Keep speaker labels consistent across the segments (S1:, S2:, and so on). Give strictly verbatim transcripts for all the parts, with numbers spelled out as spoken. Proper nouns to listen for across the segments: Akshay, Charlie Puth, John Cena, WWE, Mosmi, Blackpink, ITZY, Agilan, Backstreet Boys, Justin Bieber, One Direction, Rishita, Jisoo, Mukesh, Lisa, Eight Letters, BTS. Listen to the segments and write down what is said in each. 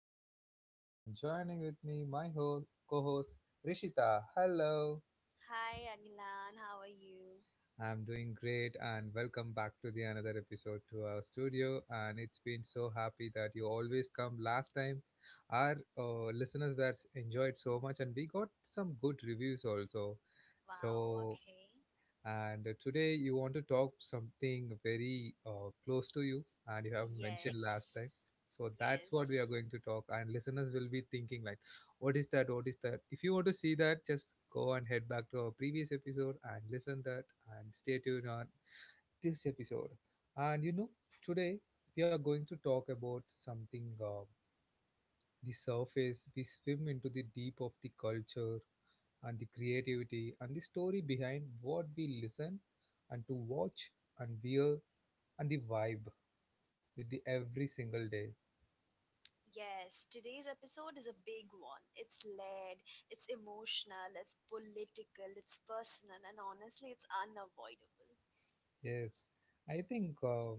S1: your host Agilan and joining with me my ho- co-host Rishita. Hello.
S2: Hi, Agilan. How are you?
S1: I'm doing great and welcome back to the another episode to our studio and it's been so happy that you always come last time. Our uh, listeners were enjoyed so much and we got some good reviews also.
S2: Wow,
S1: So.
S2: okay.
S1: And uh, today you want to talk something very uh, close to you, and you have mentioned last
S2: Yes,
S1: time. So that's what we are
S2: yes,
S1: going to talk, and listeners will be thinking like, "What is that? What is that?" If you want to see that, just go and head back to our previous episode and listen that, and stay tuned on this episode. And you know, today we are going to talk about something. Uh, the surface, we swim into the deep of the culture, and the creativity and the story behind what we listen and to watch and wear and the vibe with the every single day.
S2: yes. Today's episode is a big one. It's layered, it's emotional, it's political, it's personal, and honestly, it's unavoidable.
S1: Yes, I think uh,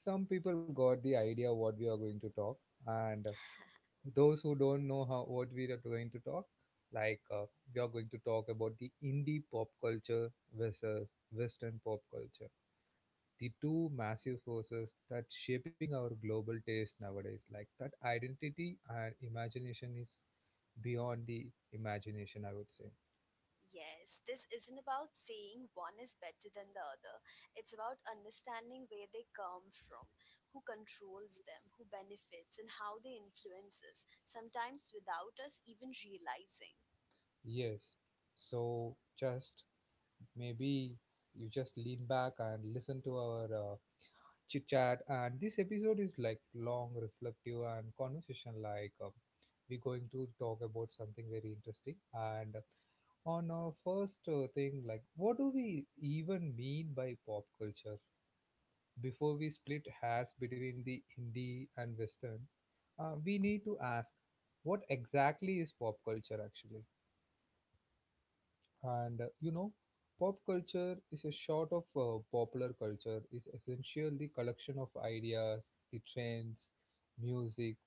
S1: some people got the idea what we are going to talk, and those who don't know how what we are going to talk, like uh, we are going to talk about the indie pop culture versus Western pop culture. The two massive forces that shaping our global taste nowadays like that identity and imagination is beyond the imagination, I would say.
S2: Yes, this isn't about saying one is better than the other. It's about understanding where they come from, who controls them, who benefits, and how they influence us, sometimes without us even realizing.
S1: Yes, so just maybe you just lean back and listen to our uh, chit chat, and this episode is like long reflective and conversation like. Um, we're going to talk about something very interesting. And on our first uh, thing, like what do we even mean by pop culture? Before we split hairs between the indie and western, uh, we need to ask, what exactly is pop culture actually? And uh, you know, pop culture is a short of uh, popular culture, is essentially the collection of ideas, the trends, music,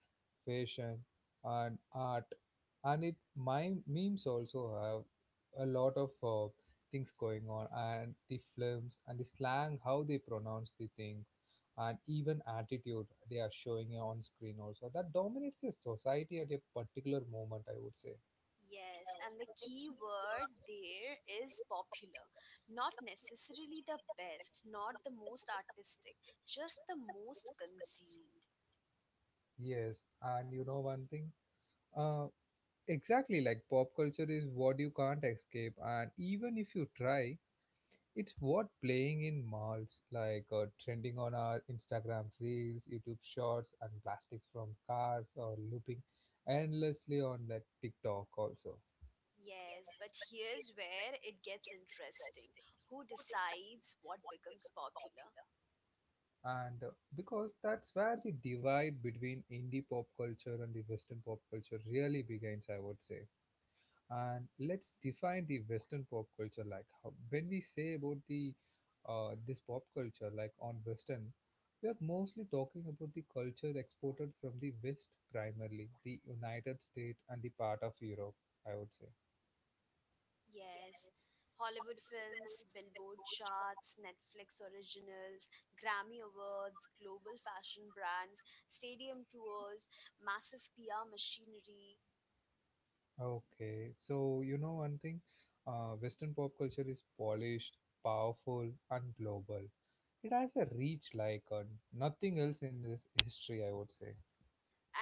S1: fashion, and art. And it my memes also have a lot of uh, things going on, and the films and the slang, how they pronounce the things, and even attitude they are showing on screen also. That dominates a society at a particular moment, I would say.
S2: Yes, and the key word there is popular. Not necessarily the best, not the most artistic, just the most consumed.
S1: Yes, and you know one thing. Uh, Exactly, like pop culture is what you can't escape, and even if you try, it's what playing in malls, like uh, trending on our Instagram reels, YouTube shorts, and plastics from cars, or looping endlessly on that TikTok also.
S2: Yes, but here's where it gets interesting. Who decides what becomes popular?
S1: And uh, because that's where the divide between indie pop culture and the Western pop culture really begins, I would say. And let's define the western pop culture like how, when we say about the uh, this pop culture like on western, we are mostly talking about the culture exported from the west, primarily the United States and the part of Europe, I would say.
S2: Yes. Hollywood films, Billboard charts, Netflix originals, Grammy Awards, global fashion brands, stadium tours, massive P R machinery.
S1: Okay, so you know one thing. Uh, western pop culture is polished, powerful and global. It has a reach like uh, nothing else in this history, I would say.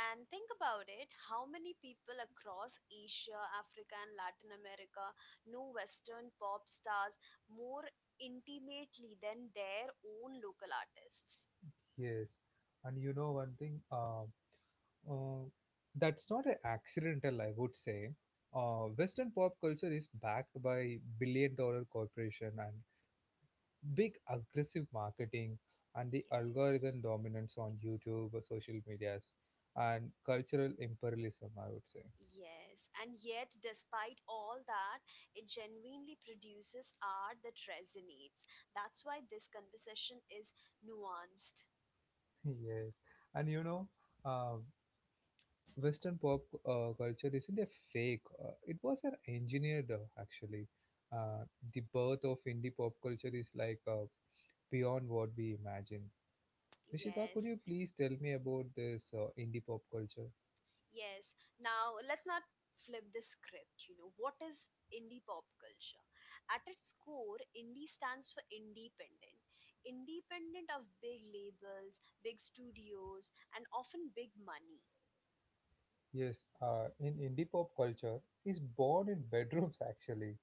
S2: And think about it, how many people across Asia, Africa, and Latin America know Western pop stars more intimately than their own local artists?
S1: Yes, and you know one thing. uh, Uh, that's not an accidental, I would say. Uh, Western pop culture is backed by billion dollar corporation and big aggressive marketing and the algorithm
S2: Yes.
S1: dominance on YouTube or social medias and cultural imperialism, I would say.
S2: Yes, and yet, despite all that, it genuinely produces art that resonates. That's why this conversation is nuanced.
S1: Yes. And you know, uh, Western pop uh, culture isn't a fake. Uh, it was an engineered, uh, actually. Uh, the birth of indie pop culture is like uh, beyond what we imagine. Rishita, could
S2: Yes.
S1: you please tell me about this uh, indie pop culture?
S2: Yes. Now let's not flip the script. You know, what is indie pop culture? At its core, indie stands for independent. Independent of big labels, big studios, and often big money.
S1: Yes, uh, in indie pop culture is born in bedrooms actually,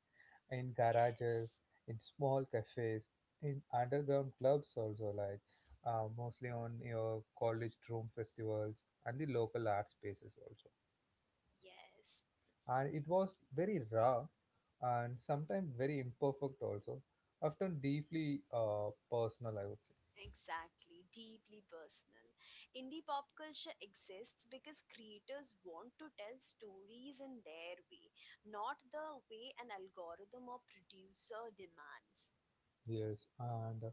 S1: in garages,
S2: Yes.
S1: in small cafes, in underground clubs also, like uh, mostly on your college room festivals and the local art spaces also.
S2: Yes.
S1: And it was very raw and sometimes very imperfect also, often deeply uh, personal, I would say.
S2: Exactly, deeply personal. Indie pop culture exists because creators want to tell stories in their way, not the way an algorithm or producer demands.
S1: Yes, and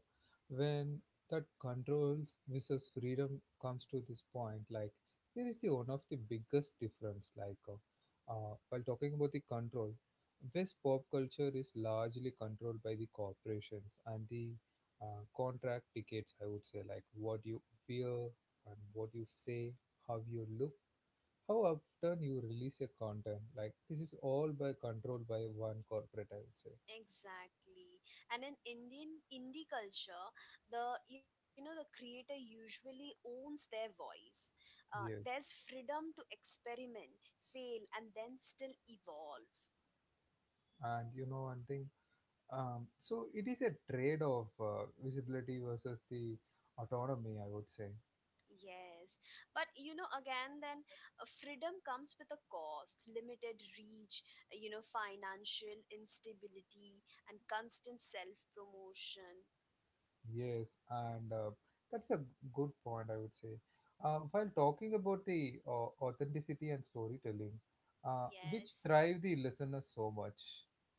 S1: when that controls versus freedom comes to this point, like here is the one of the biggest difference. Like uh, uh, while talking about the control, West pop culture is largely controlled by the corporations and the uh, contract tickets. I would say, like what you wear and what you say, how you look, how often you release your content. Like this is all by controlled by one corporate, I would say.
S2: Exactly. And in Indian indie culture, the, you know, the creator usually owns their voice. Uh, there's
S1: Yes,
S2: freedom to experiment, fail, and then still evolve.
S1: and you know one thing. Um, so it is a trade off, uh, visibility versus the autonomy, I would say.
S2: Yes. But you know again then uh, freedom comes with a cost, limited reach, uh, you know, financial instability and constant self-promotion.
S1: Yes, and uh, that's a good point, I would say. Uh, while talking about the uh, authenticity and storytelling, uh, which
S2: Yes.
S1: thrive the listeners so much.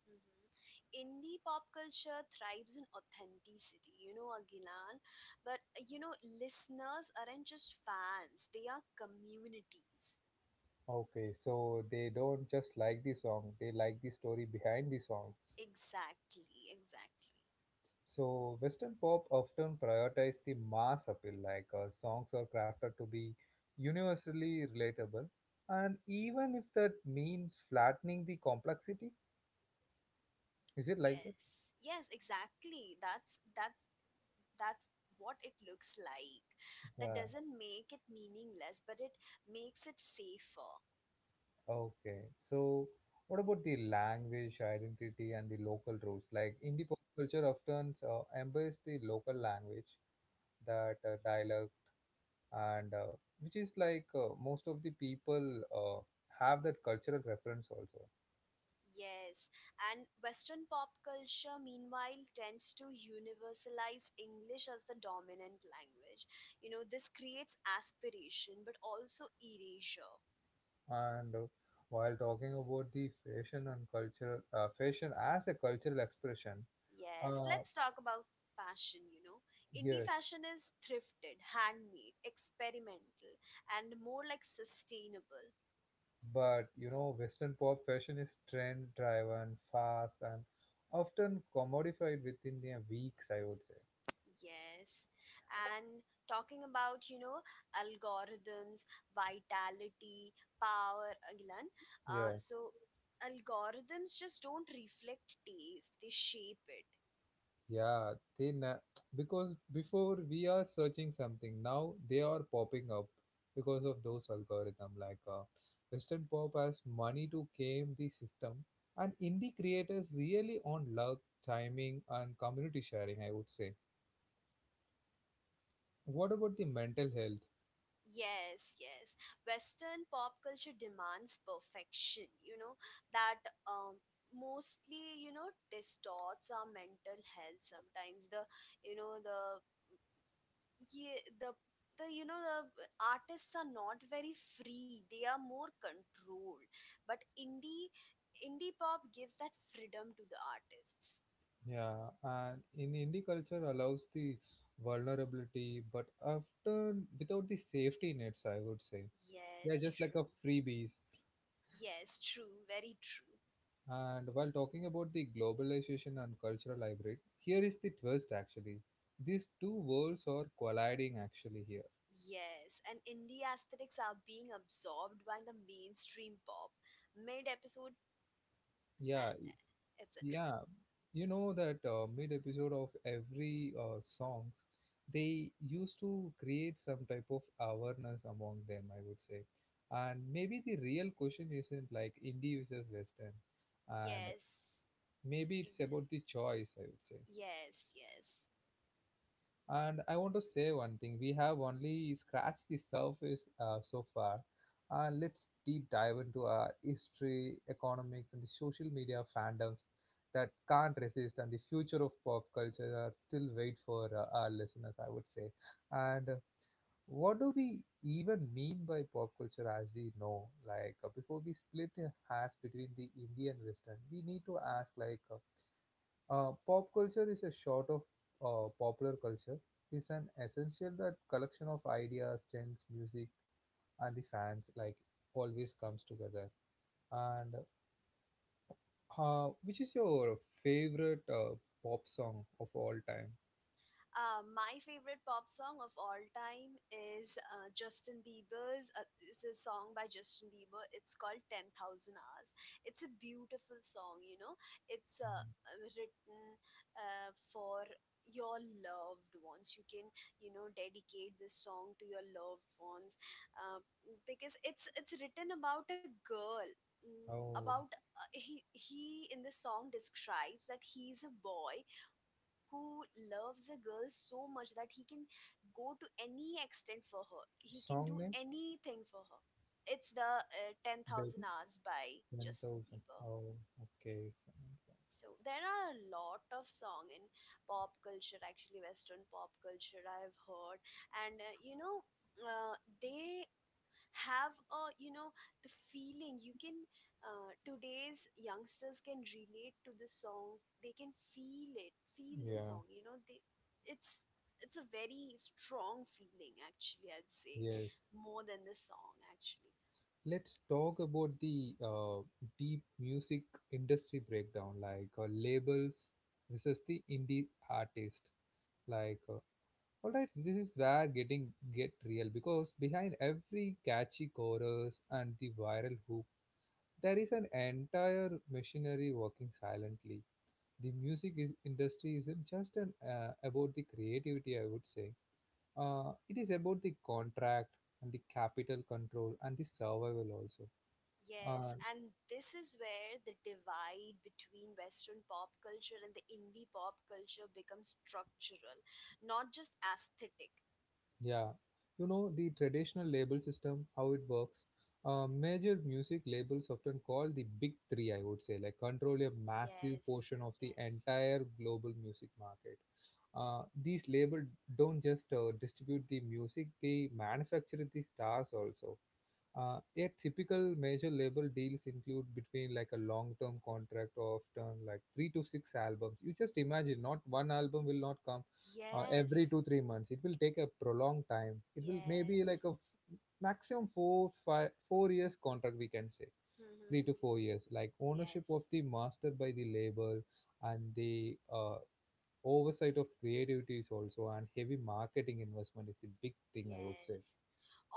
S2: Mhm. Indie pop culture thrives in authenticity, you know, Agilan. But uh, you know, listeners aren't just fans, they are communities.
S1: Okay, so they don't just like the song, they like the story behind the songs.
S2: Exactly, exactly.
S1: So Western pop often prioritize the mass appeal, like uh, songs are crafted to be universally relatable, and even if that means flattening the complexity, is it like that?
S2: Yes. Yes, exactly. That's that's that's what it looks like. That
S1: Yeah.
S2: doesn't make it meaningless, but it makes it safer.
S1: Okay. So what about the language identity and the local roots? Like indie pop culture often uh, embrace the local language, that uh, dialogue, and uh, which is like uh, most of the people uh, have that cultural reference also.
S2: Yes, and Western pop culture, meanwhile, tends to universalize English as the dominant language. You know, this creates aspiration but also erasure.
S1: And uh, while talking about the fashion and culture, uh, fashion as a cultural expression,
S2: Yes,
S1: uh,
S2: let's talk about fashion. You know, indie
S1: yes,
S2: fashion is thrifted, handmade, experimental, and more like sustainable.
S1: but you know, Western pop fashion is trend driven, fast, and often commodified within a weeks, I would
S2: Yes. And talking about, you know, algorithms, vitality, power, Agilan. Uh,
S1: say.
S2: so, algorithms just don't reflect taste, they shape it.
S1: Yeah, they na- because before we are searching something, now they are popping up because of those algorithm. Like uh, Western pop has money to game the system, and indie creators really on luck, timing, and community sharing, I would say. What about the mental health?
S2: Yes, yes. Western pop culture demands perfection, you know, that um, mostly, you know, distorts our mental health sometimes. The, you know, the yeah the the you know, the artists are not very free, they are more controlled, but indie indie pop gives that freedom to the artists.
S1: Yeah, and in indie culture allows the vulnerability, but often without the safety nets, I would say. Yeah,
S2: Yes,
S1: just like a
S2: true.
S1: freebies.
S2: Yes, true, very true.
S1: And while talking about the globalization and cultural hybrid, here is the twist actually. These two worlds are colliding actually here.
S2: Yes, and indie aesthetics are being absorbed by the mainstream pop mid episode
S1: Yeah,
S2: and etc.
S1: yeah. You know that uh, mid episode of every uh, songs, they used to create some type of awareness among them, I would say. And maybe the real question isn't like Indie versus Western, and
S2: Yes,
S1: maybe it's
S2: exactly.
S1: about the choice, I would say.
S2: Yes, yes.
S1: And I want to say one thing, we have only scratched the surface uh, so far. Uh, let's deep dive into our history, economics, and the social media fandoms that can't resist, and the future of pop culture are still wait for uh, our listeners, I would say. And uh, what do we even mean by pop culture as we know? Like, uh, before we split hairs between the Indian Western, we need to ask, like, uh, uh, pop culture is a sort of uh, popular culture. It's an essential that collection of ideas, trends, music, and the fans like always comes together. And uh, which is your favorite uh, pop song of all time?
S2: Uh, my favorite pop song of all time is uh, Justin Bieber's. Uh, it's a song by Justin Bieber. It's called ten thousand Hours. It's a beautiful song, you know. It's uh,
S1: Mm.
S2: uh, written uh, for your loved ones. You can, you know, dedicate this song to your loved ones uh, because it's it's written about a girl. Mm.
S1: Oh,
S2: About uh, he he in the song describes that he's a boy who loves a girl so much that he can go to any extent for her. He can do
S1: song name,
S2: anything for her. It's the uh, ten thousand
S1: baby,
S2: Hours by Justin
S1: ten thousand.
S2: Bieber.
S1: Oh, okay. Fine,
S2: So there are a lot of song in pop culture, actually Western pop culture I have heard, and uh, you know, uh, they have a, you know, the feeling you can, uh, today's youngsters can relate to the song, they can feel it, feel
S1: fine.
S2: the
S1: Yeah,
S2: song, you know, they it's it's a very strong feeling, actually, I'd say,
S1: yes.
S2: more than the song actually.
S1: Let's talk
S2: S-
S1: about the uh, deep music industry breakdown, like uh, labels versus the indie artist. Like, uh, all right, this is where getting get real, because behind every catchy chorus and the viral hook, there is an entire machinery working silently. The music is, industry isn't just an, uh, about the creativity, I would say. Uh, it is about the contract and the capital control and the survival
S2: yes,
S1: also.
S2: and this is where the divide between Western pop culture and the indie pop culture becomes structural, not just aesthetic.
S1: Yeah, you know the traditional label system, how it works. Uh, major music labels often call the big three, I would say, like control a massive
S2: Yes,
S1: portion of the
S2: yes.
S1: entire global music market. Uh, these labels don't just uh, distribute the music; they manufacture the stars also. Uh, a typical major label deals include between like a long-term contract of often like three to six albums. You just imagine, not one album will not come uh, every
S2: Yes,
S1: two three months, it will take a prolonged time. It will maybe like a
S2: yes.
S1: f- maximum four five four years contract, we can say three to four years, like ownership of
S2: Yes.
S1: the master by the label and the uh, oversight of creativity is also, and heavy marketing investment is the big thing, I would say.
S2: Yes.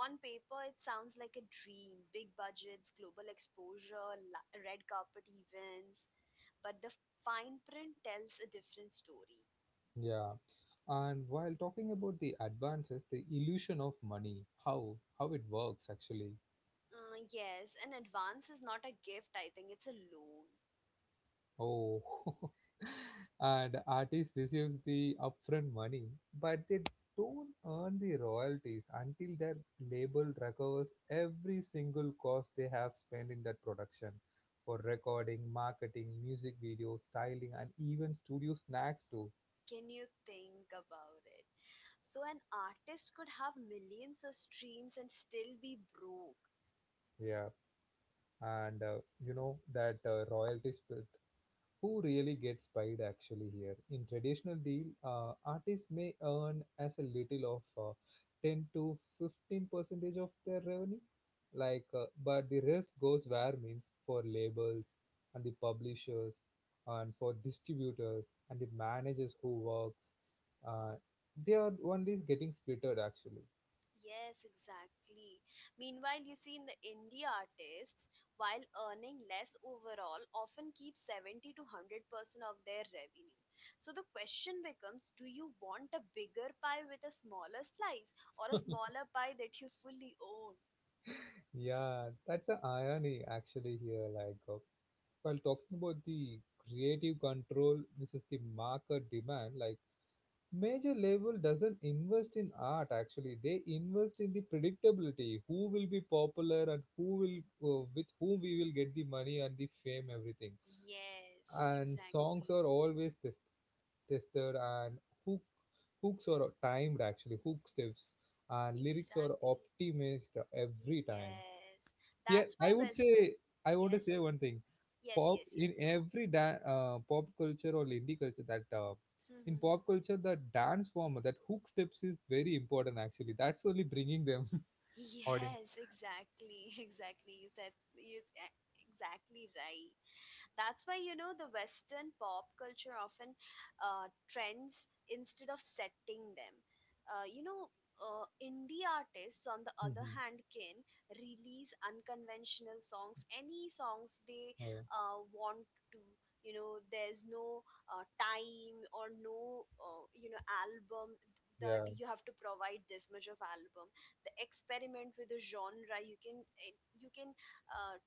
S2: On paper, it sounds like a dream. Big budgets, global exposure, la- red carpet events. But the fine print tells a different story.
S1: Yeah, and while talking about the advances, the illusion of money, how how it works actually.
S2: Uh, yes, an advance is not a gift, I think, it's a loan.
S1: Oh, and artist receives the upfront money, but they don't earn the royalties until their label recovers every single cost they have spent in that production for recording, marketing, music video styling, and even studio snacks too.
S2: Can you think about it? So, an artist could have millions of streams and still be broke.
S1: Yeah, and uh, you know that uh, royalties uh, who really gets paid actually here? In traditional deal, uh, artists may earn as a little of uh, ten to fifteen percentage of their revenue, like, uh, but the rest goes where, means for labels and the publishers and for distributors and the managers who works. Uh, they are only getting splitted actually.
S2: Yes, exactly. Meanwhile, you see, in the indie artists, while earning less overall, often keep seventy to one hundred percent of their revenue. So the question becomes, do you want a bigger pie with a smaller slice or a smaller pie that you fully own?
S1: Yeah, that's a irony actually here. Like uh, while talking about the creative control versus the market demand, like major label doesn't invest in art actually. They invest in the predictability, who will be popular and who will uh, with whom we will get the money and the fame, everything.
S2: Yes,
S1: And songs
S2: exactly.
S1: are always test, tested and hook, hooks are timed actually, hook steps and lyrics are
S2: Exactly.
S1: optimized every time.
S2: Yes.
S1: Yeah,
S2: That's
S1: I
S2: why
S1: would
S2: Western.
S1: say I want to say
S2: Yes,
S1: one thing
S2: yes,
S1: pop
S2: yes, yes,
S1: in
S2: go
S1: every da- uh, pop culture or indie culture that uh,
S2: on.
S1: in pop culture the dance form that hook steps is very important actually, that's only bringing them audience.
S2: Yes, exactly, exactly. You said you eh, Exactly right. That's why you know the Western pop culture often uh, trends instead of setting them. Uh, you know, uh, Indie artists, on the other
S1: Mhm.
S2: hand, can release unconventional songs, any songs they
S1: Uh,
S2: uh, want to. You know, there's no uh, time or no, uh, you know, album that
S1: yeah.
S2: you have to provide this much of album. The experiment with the genre, you can, eh, you can uh,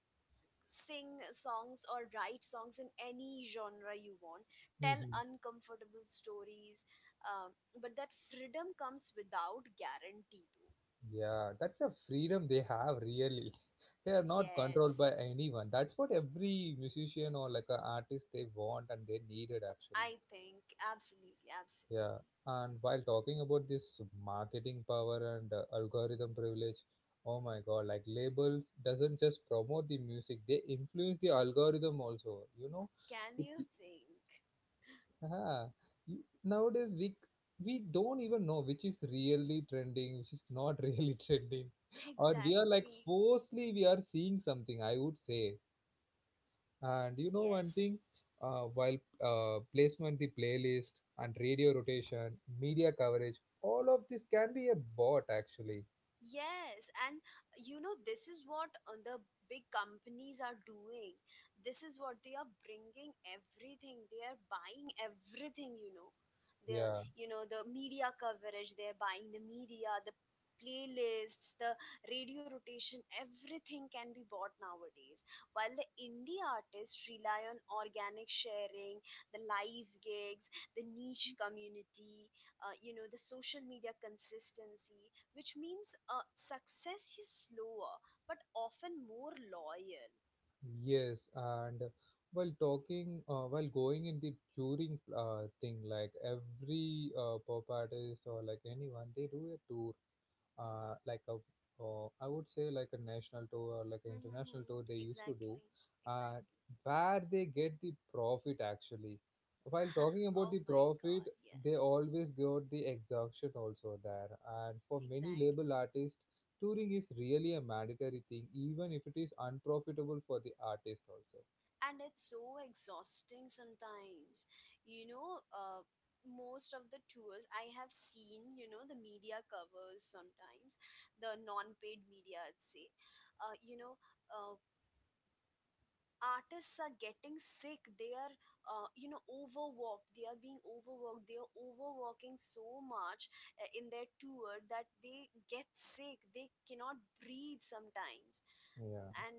S2: sing songs or write songs in any genre you want, tell
S1: Mhm.
S2: uncomfortable stories. um, but that freedom comes without guarantee though.
S1: Yeah, that's a freedom they have really, they are not controlled by
S2: Yes,
S1: anyone, that's what every musician or like an artist they want and they needed
S2: I
S1: actually.
S2: think absolutely, absolutely.
S1: Yeah, and while talking about this marketing power and uh, algorithm privilege, oh my god, like labels doesn't just promote the music, they influence the algorithm also. You know,
S2: Can
S1: it,
S2: you think?
S1: yeah, you, nowadays we we don't even know which is really trending, which is not really trending, or we are like
S2: Exactly.
S1: forcefully we are seeing something. I would say, and you know one
S2: Yes.
S1: thing, uh, while uh, placement, the playlist, and radio rotation, media coverage, all of this can be a bot actually.
S2: Yes, and you know, this is what uh, the big companies are doing. This is what they are bringing everything. They are buying everything, you know. The,
S1: Yeah,
S2: you know, the media coverage, they're buying the media, the playlists, the radio rotation, everything can be bought nowadays. While the indie artists rely on organic sharing, the live gigs, the niche community, uh, you know, the social media consistency, which means uh, success is slower but often more loyal.
S1: yes, and while talking, uh, while going in the touring uh, thing, like every uh, pop artist or like anyone, they do a tour, uh, like a uh, I would say like a national tour or like an international
S2: Hmm.
S1: tour they used to do,
S2: Exactly,
S1: uh,
S2: exactly.
S1: where they get the profit actually. While talking about
S2: Oh
S1: the
S2: my
S1: profit,
S2: god,
S1: they
S2: yes,
S1: always got the exhaustion also there. And for many
S2: exactly.
S1: label artists, touring is really a mandatory thing, even if it is unprofitable for the artist also.
S2: And it's so exhausting sometimes. You know, uh, most of the tours I have seen, you know, the media covers sometimes, the non paid media, I'd say, uh, you know, uh, artists are getting sick, they are, uh, you know, overworked, they are being overworked, they are overworking so much uh, in their tour that they get sick, they cannot breathe sometimes,
S1: Yeah.
S2: and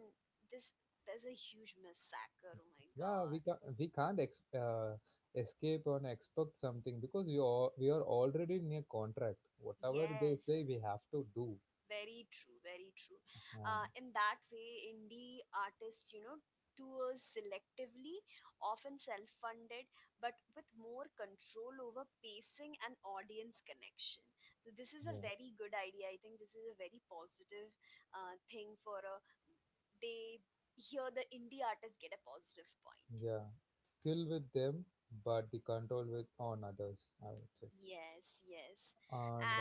S2: this there's a huge massacre. Oh my
S1: Yeah,
S2: god.
S1: we can't we can't ex uh, escape and expect something because we are we are already in a contract. Whatever they say,
S2: Yes.
S1: we have to do.
S2: Very true, very true.
S1: Um,
S2: Uh, in that way, indie artists, you know, tours selectively, often self funded, but with more control over pacing and audience connection. So, this is a
S1: yeah,
S2: very good idea. I think this is a very positive uh, thing for a. They, here the indie artists get a positive point.
S1: yeah. Skill with them, but the control with on others. I would say.
S2: Yes, yes.
S1: And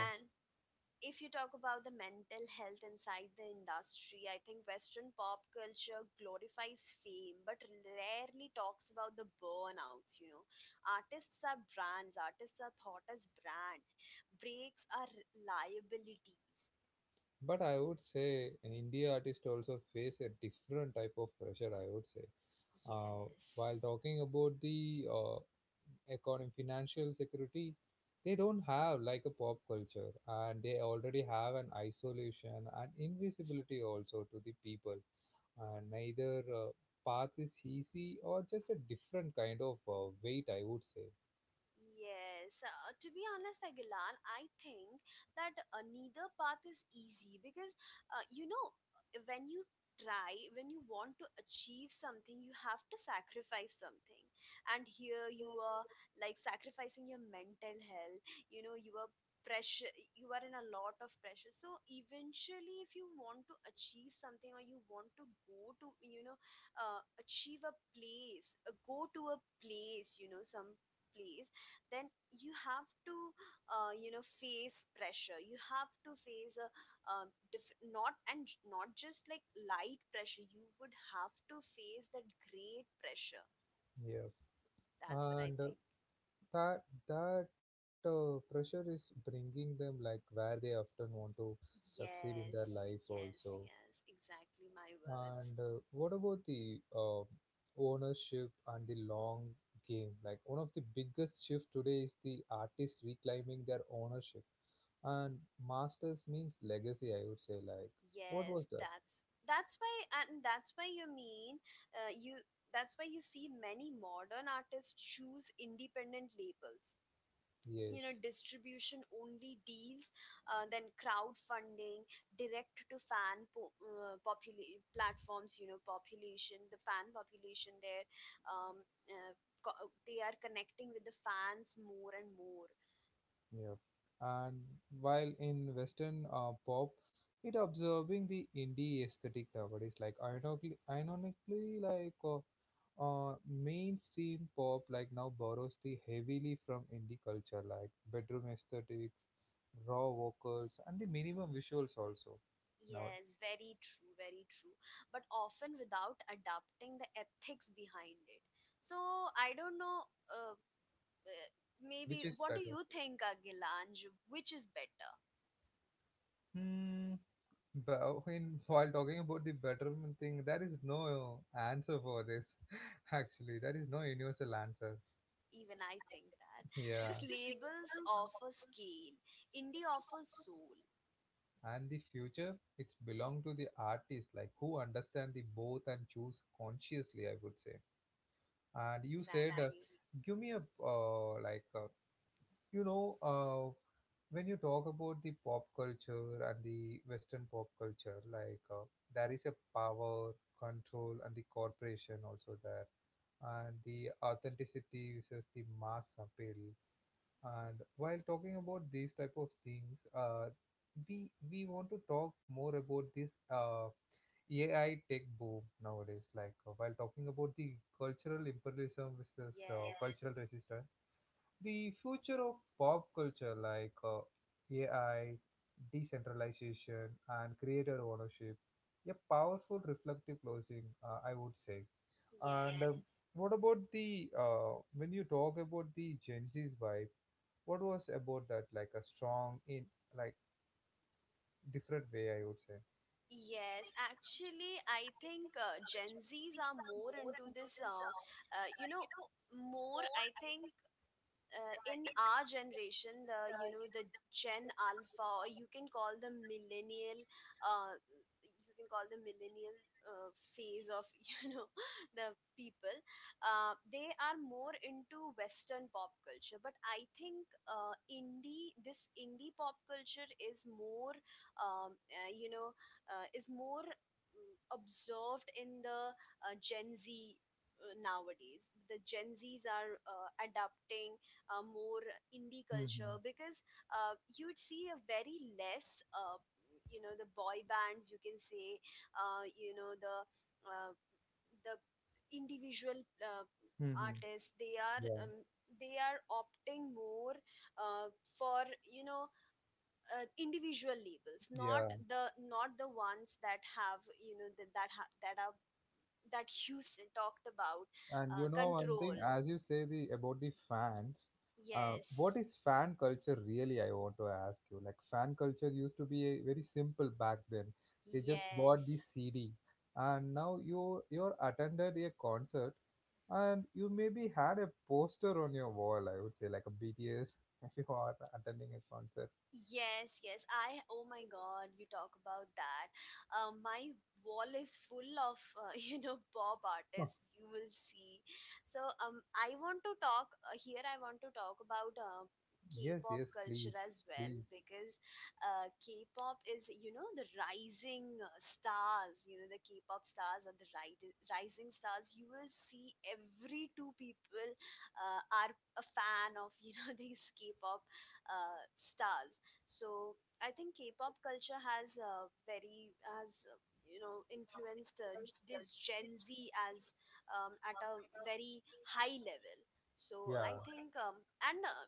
S2: If you talk about the mental health inside the industry, I think Western pop culture glorifies fame but rarely talks about the burnouts. You know, artists are brands, artists are thought as brand, breaks are liabilities.
S1: but I would say India artists also face a different type of pressure. I would say. Uh, while
S2: Yes.
S1: talking about the uh, economy, financial security, they don't have like a pop culture, and they already have an isolation and invisibility also to the people. And neither uh, path is easy or just a different kind of uh, weight, I would say.
S2: Yes, uh, to be honest, Agilan, I think that uh, neither path is easy because uh, you know, when you try, when you want to achieve something, you have to sacrifice something. And here you are like sacrificing your mental health. You know, you are pressure, you are in a lot of pressure, so eventually if you want to achieve something or you want to go to, you know, uh, achieve a place, uh, go to a place, you know, some place, then you have to, uh, you know, face pressure, you have to face a, um diff- not and j- not just like light pressure, you would have to face that great pressure.
S1: Yeah,
S2: That's what I
S1: and uh,
S2: think.
S1: that that uh, pressure is bringing them like where they often want to succeed in their
S2: Yes,
S1: life
S2: yes,
S1: also.
S2: yes, exactly my
S1: And
S2: words.
S1: uh, what about the uh, ownership and the long game? Like one of the biggest shift today is the artists reclaiming their ownership. And masters means legacy, I would say. Like, what was
S2: yes
S1: that?
S2: that's that's why, and that's why you mean, uh, you that's why you see many modern artists choose independent labels, you know,
S1: Yes.
S2: distribution only deals, uh, then crowdfunding, direct to fan po- uh, popula- platforms, you know, population, the fan population there. um, uh, co- they are connecting with the fans more and more.
S1: Yeah. And while in Western uh, pop, it observing the indie aesthetic nowadays, like ironically, ironically like uh, uh, mainstream pop like now borrows the heavily from indie culture, like bedroom aesthetics, raw vocals, and the minimum visuals also now,
S2: Yes, very true, very true. But often without adapting the ethics behind it. So I don't know, uh, uh,
S1: which
S2: maybe
S1: is
S2: what do
S1: better.
S2: you think, agilanj, which is better?
S1: Hmm. But when while talking about the betterment thing, there is no uh, answer for this. Actually, there is no universal answer.
S2: Even I think that.
S1: Yeah.
S2: Because labels offer scale, indie offers soul.
S1: And the future, it's belong to the artists like who understand the both and choose consciously, I would say. And you said, uh,
S2: Exactly.
S1: give me a uh, like uh, you know uh, when you talk about the pop culture and the Western pop culture, like uh, there is a power, control, and the corporation also there, and the authenticity versus the mass appeal. And while talking about these type of things, uh, we we want to talk more about this uh, A I tech boom nowadays. Like uh, while talking about the cultural imperialism versus uh,
S2: Yes.
S1: cultural resistance, the future of pop culture like uh, A I, decentralization, and creator ownership, a powerful reflective closing, uh, I would say. And uh,
S2: Yes.
S1: what about the uh, when you talk about the Gen Z's vibe? What was about that like a strong in like different way I would say.
S2: Yes, actually, I think uh, Gen Zs are more into this, uh, uh, you know, more, I think, uh, in our generation, the, you know, the gen alpha or you can call the millennial, uh, you can call the millennial uh, phase of you know, the people, uh, they are more into Western pop culture, but I think uh, indie, this indie pop culture is more um, uh, you know, uh, is more, mm, observed in the uh, Gen Z. Uh, nowadays the Gen Z's are uh, adapting uh, more indie
S1: Hmm,
S2: culture because uh, you'd see a very less, uh, you know, the boy bands you can say, uh, you know the uh, the individual uh,
S1: hmm.
S2: artists. They are,
S1: Yeah,
S2: um, they are opting more uh, for, you know, uh, individual labels, not
S1: yeah.
S2: the, not the ones that have you know that that, ha- that are that Houston talked about.
S1: And you
S2: uh,
S1: know one
S2: control
S1: thing as you say the about the fans, uh, what
S2: Yes,
S1: is fan culture really, I want to ask you, like fan culture used to be a very simple back then. They just bought the
S2: yes.
S1: C D, and now you you're attended a concert, and you maybe had a poster on your wall, I would say, like a B T S. If you are attending a concert.
S2: Yes, yes. I, oh my God, you talk about that. Uh, my wall is full of, uh, you know, pop artists, you will see. So, um, I want to talk uh, here, I want to talk about uh,
S1: Yes,
S2: K-pop
S1: yes,
S2: culture
S1: please,
S2: as well
S1: please.
S2: because uh, K-pop is, you know, the rising uh, stars, you know, the K-pop stars are the ri- rising stars. You will see every two people uh, are a fan of, you know, these K-pop uh, stars. So I think K-pop culture has uh, very has uh, you know influenced uh, g- this Gen Z as um, at a very high level. So
S1: Yeah,
S2: I think um, and uh,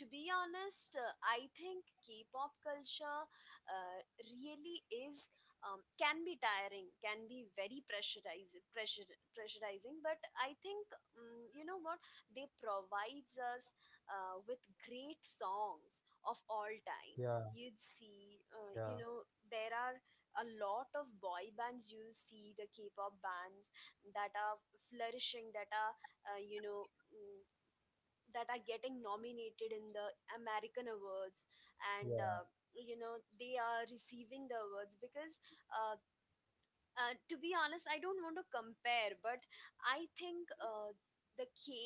S2: to be honest, uh, I think K-pop culture uh, really is um, can be tiring, can be very pressurizing, pressure, pressurizing. But I think um, you know what they provides us uh, with great songs of all
S1: yeah,
S2: time. You'd see,
S1: yeah,
S2: uh, you know, there are a lot of boy bands. You'll see the K-pop bands that are flourishing, that are, uh, you know. mm, that are getting nominated in the American awards and
S1: yeah,
S2: uh, you know they are receiving the awards because uh, uh, to be honest, I don't want to compare, but I think uh, the K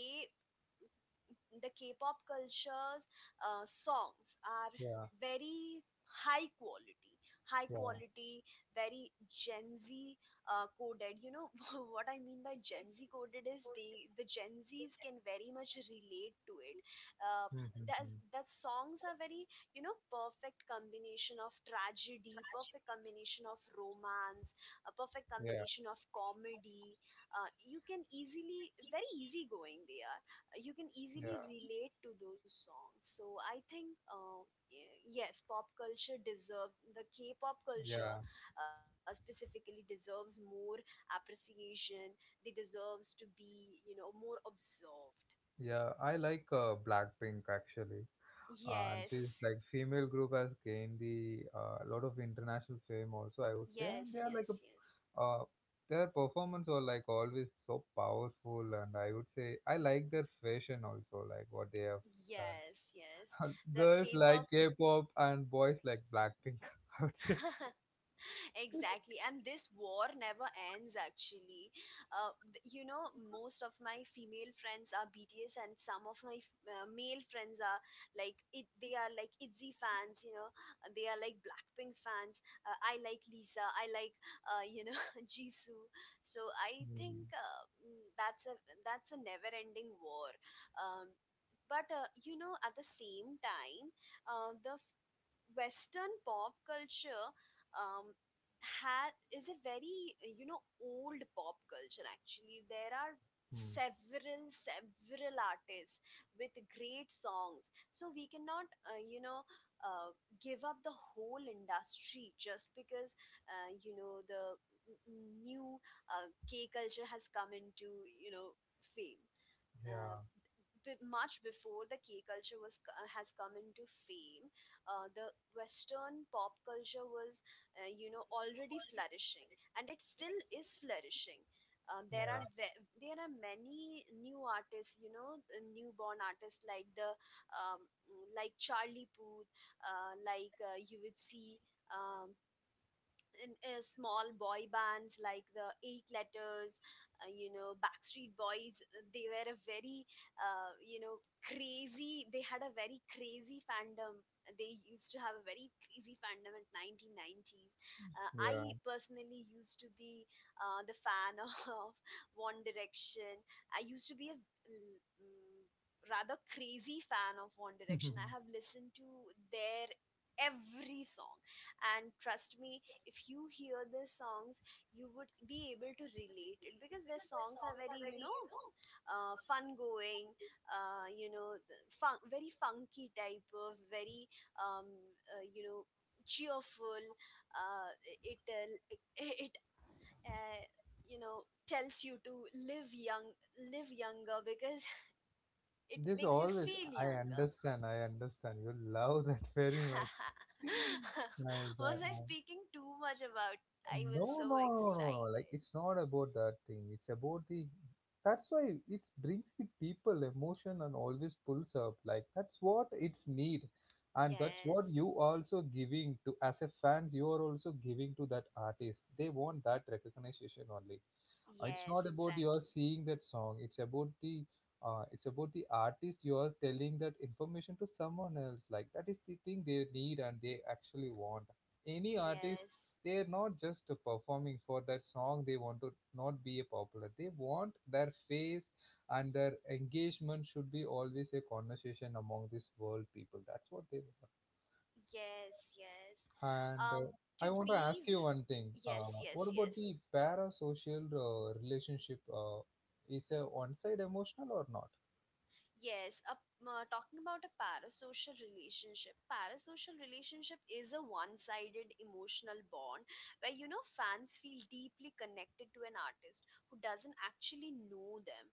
S2: the K-pop culture's uh, songs are
S1: yeah,
S2: very high quality, high
S1: yeah.
S2: quality, very Gen Z uh, coded. You know what I mean by Gen Z coded is they the Gen Zs can very much relate to it. Uh,
S1: Hmm, hmm,
S2: that
S1: hmm.
S2: that songs are very you know perfect combination of tragedy, perfect combination of romance, a perfect
S1: Yeah,
S2: combination of comedy. Uh, you can easily very easygoing they are, you can
S1: yeah,
S2: easily relate to those songs. So I think, uh, y- yes, pop culture deserves the K-pop culture
S1: yeah,
S2: uh, specifically deserves more appreciation. They deserves to be, you know, more observed.
S1: yeah. I like uh, Blackpink actually. Uh, this
S2: Yes,
S1: like female group has gained the uh, lot of international fame also, I would say, and
S2: yes,
S1: they are like
S2: yes, yes,
S1: a, uh, their performance are like always so powerful, and I would say I like their fashion also, like what they have
S2: yes,
S1: done.
S2: yes. The
S1: Girls
S2: K-pop.
S1: like K-pop and boys like Blackpink. I would say.
S2: Exactly, and this war never ends actually. Uh, th- you know, most of my female friends are B T S, and some of my f- uh, male friends are like it. They are like ITZY fans, you know. uh, They are like Blackpink fans. Uh, I like Lisa. I like uh, you know Jisoo. So I think
S1: Mm,
S2: uh, mm, that's a that's a never-ending war. Um, but uh, you know, at the same time, uh, the Western pop culture um, ha- is a very uh, you know old pop culture. Actually, there are
S1: mm.
S2: several several artists with great songs, so we cannot uh, you know uh, give up the whole industry just because uh, you know the n- new uh, k culture has come into you know fame. Uh,
S1: Yeah,
S2: b- Much before the K culture was c- uh, has come into fame, uh, the Western pop culture was, uh, you know, already flourishing, and it still is flourishing. Um, there
S1: yeah,
S2: are ve- there are many new artists, you know, uh, newborn artists like the um, mm, like Charlie Puth, uh, like uh, you would see um, in, uh, small boy bands like the eight letters, uh, you know backstreet boys. Uh, they were a very uh, you know crazy, they had a very crazy fandom. They used to have a very crazy fandom in nineteen nineties. uh,
S1: yeah.
S2: I personally used to be uh, the fan of One Direction. I used to be a mm, rather crazy fan of One Direction. I have listened to their every song, and trust me, if you hear these songs you would be able to relate it, because their songs are very you know uh, fun going, uh, you know the fun, very funky type of very um, uh, you know cheerful. Uh, it it, uh, it, it uh, you know tells you to live young, live younger, because it
S1: This
S2: makes you
S1: always,
S2: feel
S1: I
S2: younger.
S1: understand, I understand. You love that very much. Nice. uh,
S2: Was I
S1: uh,
S2: speaking too much about? I
S1: No,
S2: was so
S1: no, no, no, no. Like
S2: excited.
S1: it's not about that thing. It's about the. That's why it brings the people emotion and always pulls up. Like that's what it's need, and that's what you
S2: Yes,
S1: also giving to as a fans. You are also giving to that artist. They want that recognition only. Uh, It's
S2: yes,
S1: not about you are
S2: exactly.
S1: seeing that song. It's about the. Uh, it's about the artist you are telling that information to someone else, like that is the thing they need and they actually want. Any artist,
S2: Yes,
S1: they're not just uh, performing for that song, they want to not be a popular, they want their face and their engagement should be always a conversation among this world people, that's what they
S2: yes, yes.
S1: want. And
S2: Um,
S1: uh,
S2: to
S1: I want to
S2: be,
S1: ask
S2: v-
S1: you one thing, uh,
S2: yes,
S1: what
S2: yes,
S1: about the
S2: yes,
S1: parasocial uh, relationship, uh, is a one side emotional or not?
S2: yes. A, uh, talking about a parasocial relationship, parasocial relationship is a one-sided emotional bond where you know fans feel deeply connected to an artist who doesn't actually know them.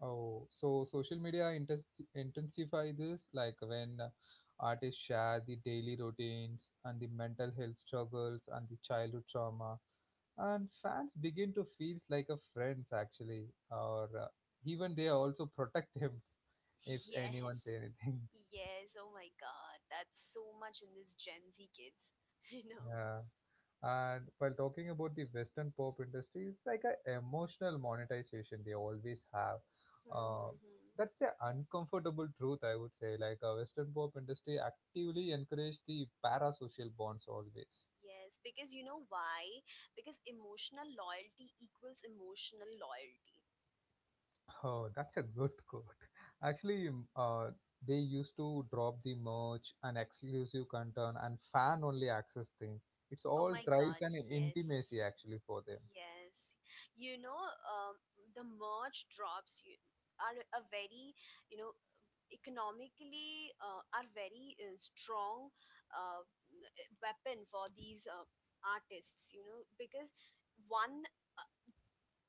S1: Oh, so social media intens intensify this, like when uh, artists share the daily routines and the mental health struggles and the childhood trauma, and fans begin to feel like a friends actually, or uh, even they also protect him if anyone say
S2: Yes,
S1: anything.
S2: yes. Oh my God, that's so much in this Gen Z kids, you know.
S1: Yeah. And while talking about the Western pop industry, it's like an emotional monetization they always have. Uh,
S2: Mm-hmm.
S1: that's the uncomfortable truth, I would say. Like a Western pop industry actively encourage the parasocial bonds always.
S2: Yes, because you know why? Because emotional loyalty equals emotional loyalty.
S1: Oh, that's a good quote. Actually, m- uh, they used to drop the merch and exclusive content and fan-only access thing. It's
S2: Oh
S1: all
S2: my
S1: thrives
S2: God,
S1: and intimacy
S2: yes.
S1: actually for them.
S2: Yes. You know, um, the merge drops you are a very, you know, economically uh, are very uh, strong uh, weapon for these uh, artists, you know, because one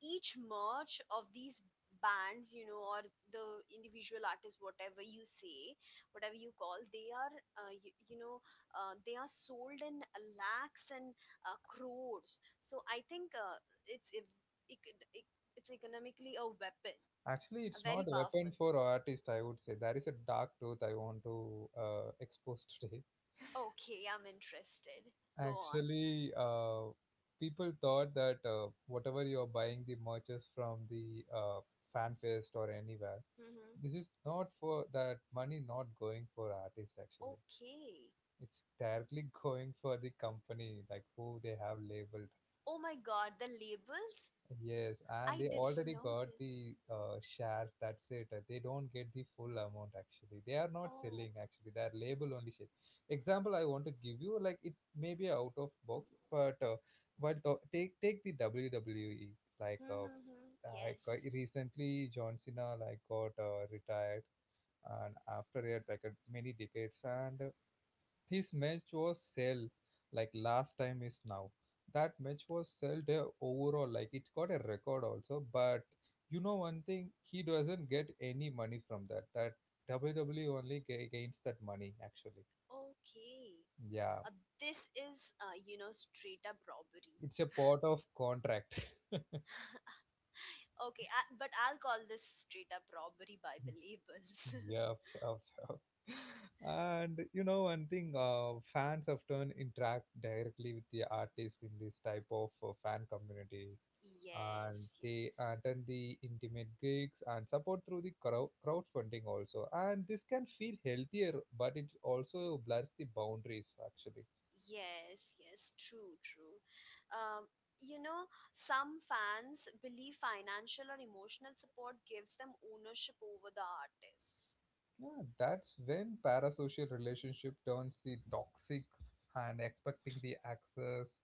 S2: each merch of these bands, you know, or the individual artists, whatever you say, whatever you call, they are uh, you, you know uh, they are sold in lakhs and uh, crores. So I think uh, it's ev- ec- ec- it's economically a weapon,
S1: Actually,
S2: a
S1: it's
S2: very
S1: not a
S2: powerful.
S1: weapon for artist, I would say. There is a dark truth I want to uh, expose today.
S2: Okay, I'm interested, go on.
S1: Actually, uh, people thought that uh, whatever you're buying the merches from the uh, fan fest or anywhere, this
S2: Hmm.
S1: is not for that money not going for artist actually.
S2: Okay.
S1: It's directly going for the company, like who they have labeled.
S2: Oh my God, the labels!
S1: Yes, and
S2: I
S1: they
S2: didn't
S1: already
S2: know
S1: got
S2: this.
S1: the uh, shares. That's it. Uh, They don't get the full amount actually. They are not
S2: Oh.
S1: selling actually. They are label only share. Example, I want to give you like it may be out of box, but uh, but uh, take take the W W E, like uh,
S2: Hmm,
S1: like uh,
S2: yes.
S1: recently John Cena like got uh, retired, and after it like uh, many decades and uh, his match was sell, like last time is now. That match was sell there overall, like it got a record also. But you know one thing, he doesn't get any money from that. That W W E only ga- gains that money actually.
S2: Okay.
S1: Yeah,
S2: Uh, this is, uh, you know, straight up robbery.
S1: it's a part of contract.
S2: Okay, I, but I'll call this straight up robbery by the labels.
S1: Yep, yep, yep. And you know, one thing uh, fans often interact directly with the artist in this type of uh, fan communities, and
S2: Yes,
S1: they
S2: yes.
S1: attend the intimate gigs and support through the crowd crowdfunding also. And this can feel healthier, but it also blurs the boundaries actually.
S2: Yes, yes. True, true. Um, you know, some fans believe financial or emotional support gives them ownership over the artists.
S1: Yeah, that's when parasocial relationship turns the toxic and expecting the access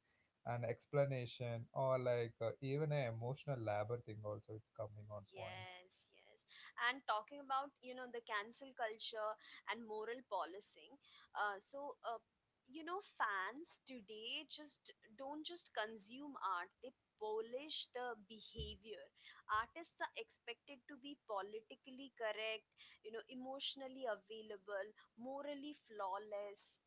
S1: and explanation, or like uh, even a emotional labor thing also, it's coming on point.
S2: Yes, yes. And talking about, you know, the cancel culture and moral policing. Uh, so, uh, you know, fans today just don't just consume art, they polish the behavior. Artists are expected to be politically correct, you know, emotionally available, morally flawless.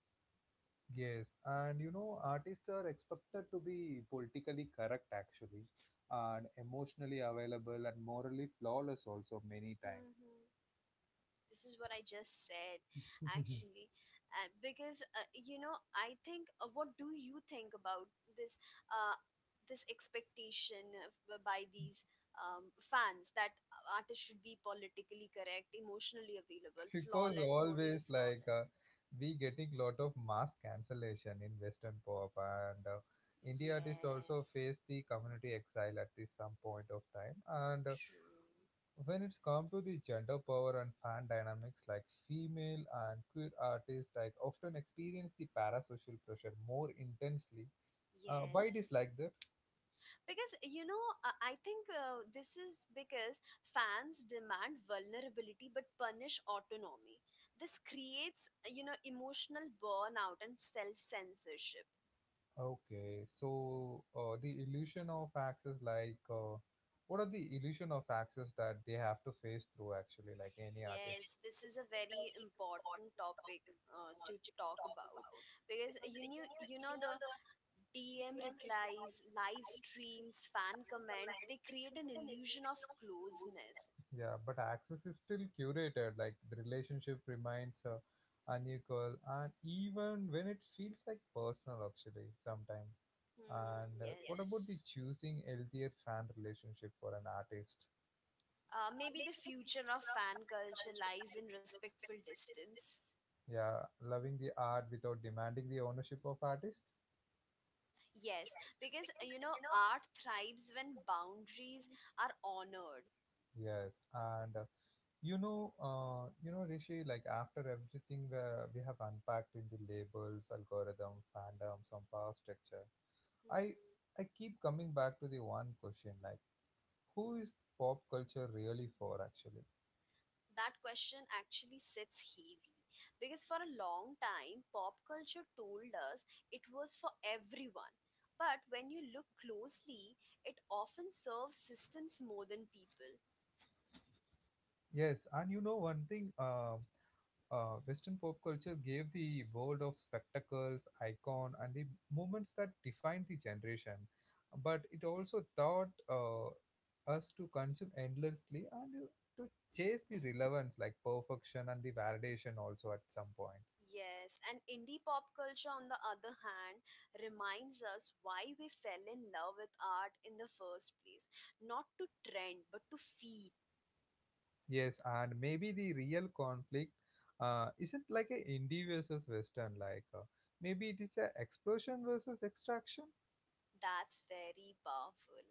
S1: Yes, and you know artists are expected to be politically correct actually, and emotionally available and morally flawless also many times.
S2: This is what I just said, actually, uh, because uh, you know I think. Uh, what do you think about this? Uh, this expectation of, uh, by these um, fans that uh, artists should be politically correct, emotionally available,
S1: Because
S2: flawless, morally
S1: always like
S2: flawless.
S1: uh, we getting lot of mass cancellation in western pop, and uh, indie artists also
S2: Yes,
S1: face the community exile at this some point of time, and uh,
S2: true.
S1: when it's come to the gender power and fan dynamics, like female and queer artists like often experience the parasocial pressure more intensely, uh, why it is
S2: Yes.
S1: like that?
S2: Because, you know, uh, I think uh, this is because fans demand vulnerability but punish autonomy. This creates, uh, you know, emotional burnout and self censorship.
S1: Okay, so uh, the illusion of access, like, uh, what are the illusion of access that they have to face through actually, like any artist?
S2: Yes, this is a very important topic uh, to talk about, because you knew, you know, the D M replies, live streams, fan comments, they create an illusion of closeness.
S1: Yeah, but access is still curated, like the relationship remains uh, unequal, and even when it feels like personal, actually, sometimes.
S2: Hmm,
S1: And uh, what about the
S2: yes.
S1: choosing healthier fan relationship for an artist?
S2: Uh, maybe the future of fan culture lies in respectful distance.
S1: Yeah, loving the art without demanding the ownership of artist.
S2: Yes, because uh, you know, art thrives when boundaries are honored.
S1: Yes, and uh, you know, uh, you know, Rishi, like after everything uh, we have unpacked in the labels, algorithm, fandom, some power structure, I I
S2: Hmm.
S1: keep coming back to the one question, like who is pop culture really for, actually?
S2: That question actually sits heavy, because for a long time, pop culture told us it was for everyone. But when you look closely, it often serves systems more than people.
S1: Yes, and you know one thing, uh, uh, Western pop culture gave the world of spectacles, icon, and the moments that defined the generation, but it also taught uh, us to consume endlessly and you- to chase the relevance, like perfection and the validation also at some point.
S2: Yes, and indie pop culture, on the other hand, reminds us why we fell in love with art in the first place. Not to trend, but to feel.
S1: Yes, and maybe the real conflict uh, isn't like a indie versus western, like uh, maybe it is a explosion versus extraction.
S2: That's very powerful,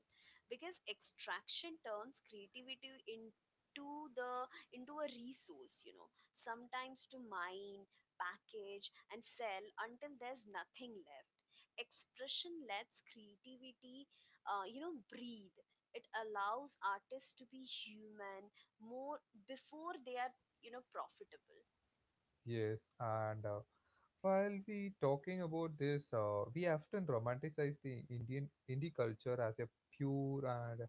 S2: because extraction turns creativity into the into a resource, you know, sometimes to mine, package and sell until there's nothing left. Expression lets creativity uh, you know breathe. It allows artists to be human more before they are, you know, profitable.
S1: Yes, and uh, while we talking about this, uh, we often romanticize the Indian indie culture as a pure and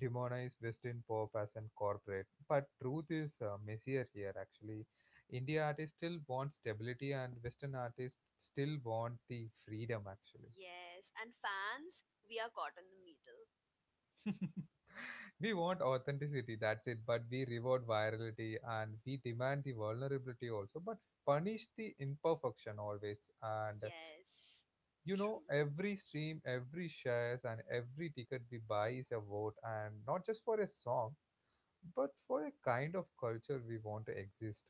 S1: demonize Western pop as an corporate. But truth is uh, messier here. Actually, India artists still want stability, and Western artists still want the freedom. Actually,
S2: Yes, and fans, we are caught in the middle.
S1: we want authenticity. That's it. But we reward virality and we demand the vulnerability also, but punish the imperfection always. And
S2: Yes.
S1: you know,
S2: True.
S1: every stream, every shares, and every ticket we buy is a vote, and not just for a song, but for a kind of culture we want to exist.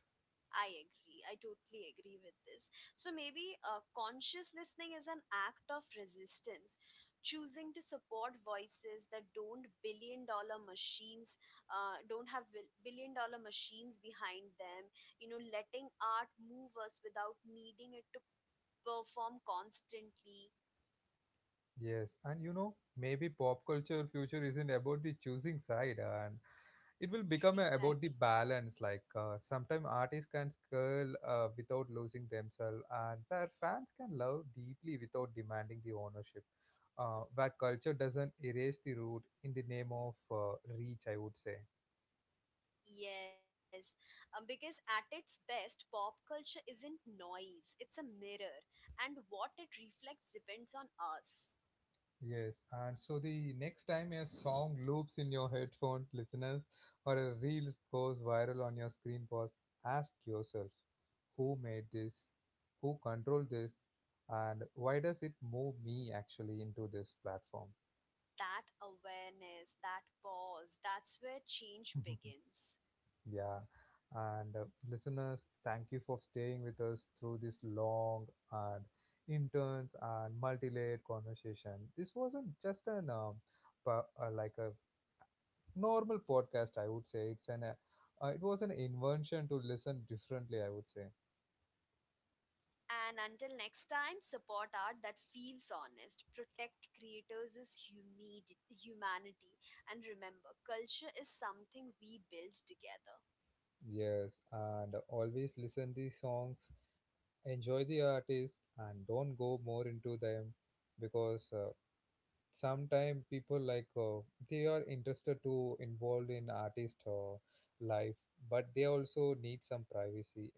S2: I agree. I totally agree with this. So maybe uh, conscious listening is an act of resistance, choosing to support voices that don't billion dollar machines, uh, don't have bil- billion dollar machines behind them. You know, letting art move us without needing it to perform constantly.
S1: Yes, and you know, maybe pop culture future isn't about the choosing side, and it will become a, about the
S2: Exactly.
S1: balance. Like uh, sometimes artists can scale uh, without losing themselves, and where fans can love deeply without demanding the ownership. Uh, where culture doesn't erase the root in the name of uh, reach, I would say.
S2: Yes, um, because at its best, pop culture isn't noise, it's a mirror, and what it reflects depends on us.
S1: Yes, and so the next time a song loops in your headphone listeners, or a reel goes viral on your screen, pause, ask yourself who made this, who controlled this, and why does it move me actually into this platform?
S2: That awareness, that pause, that's where change begins.
S1: Yeah, and uh, listeners, thank you for staying with us through this long and intense and multi-layered conversation. This wasn't just an um, pa- uh, like a normal podcast, I would say, it's an uh, uh, it was an invention to listen differently, I would say.
S2: And until next time, support art that feels honest, protect creators' humanity, and remember, culture is something we build together.
S1: Yes, and always listen the songs, enjoy the artist and don't go more into them, because uh, sometimes people like uh, they are interested to involved in artist uh, life, but they also need some privacy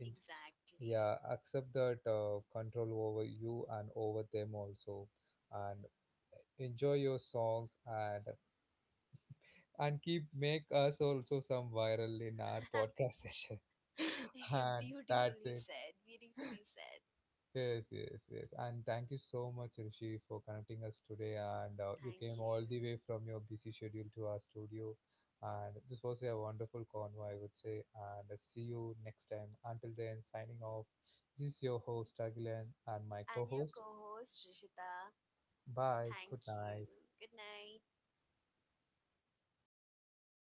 S1: in,
S2: Exactly.
S1: yeah, accept that uh, control over you and over them also, and enjoy your songs, and and keep make us also some viral in our podcast session. And that's
S2: Beautifully
S1: it.
S2: said, beautifully said.
S1: Yes, yes, yes. And thank you so much, Rishi, for connecting us today. And uh, you
S2: Thank
S1: came all the
S2: you.
S1: way from your busy schedule to our studio. And this was a wonderful convo, I would say. And uh, see you next time. Until then, signing off. This is your host, Agilan, and my co
S2: And your
S1: host.
S2: co host, Rishita,
S1: Bye. Good
S2: thank
S1: night.
S2: you. Good night.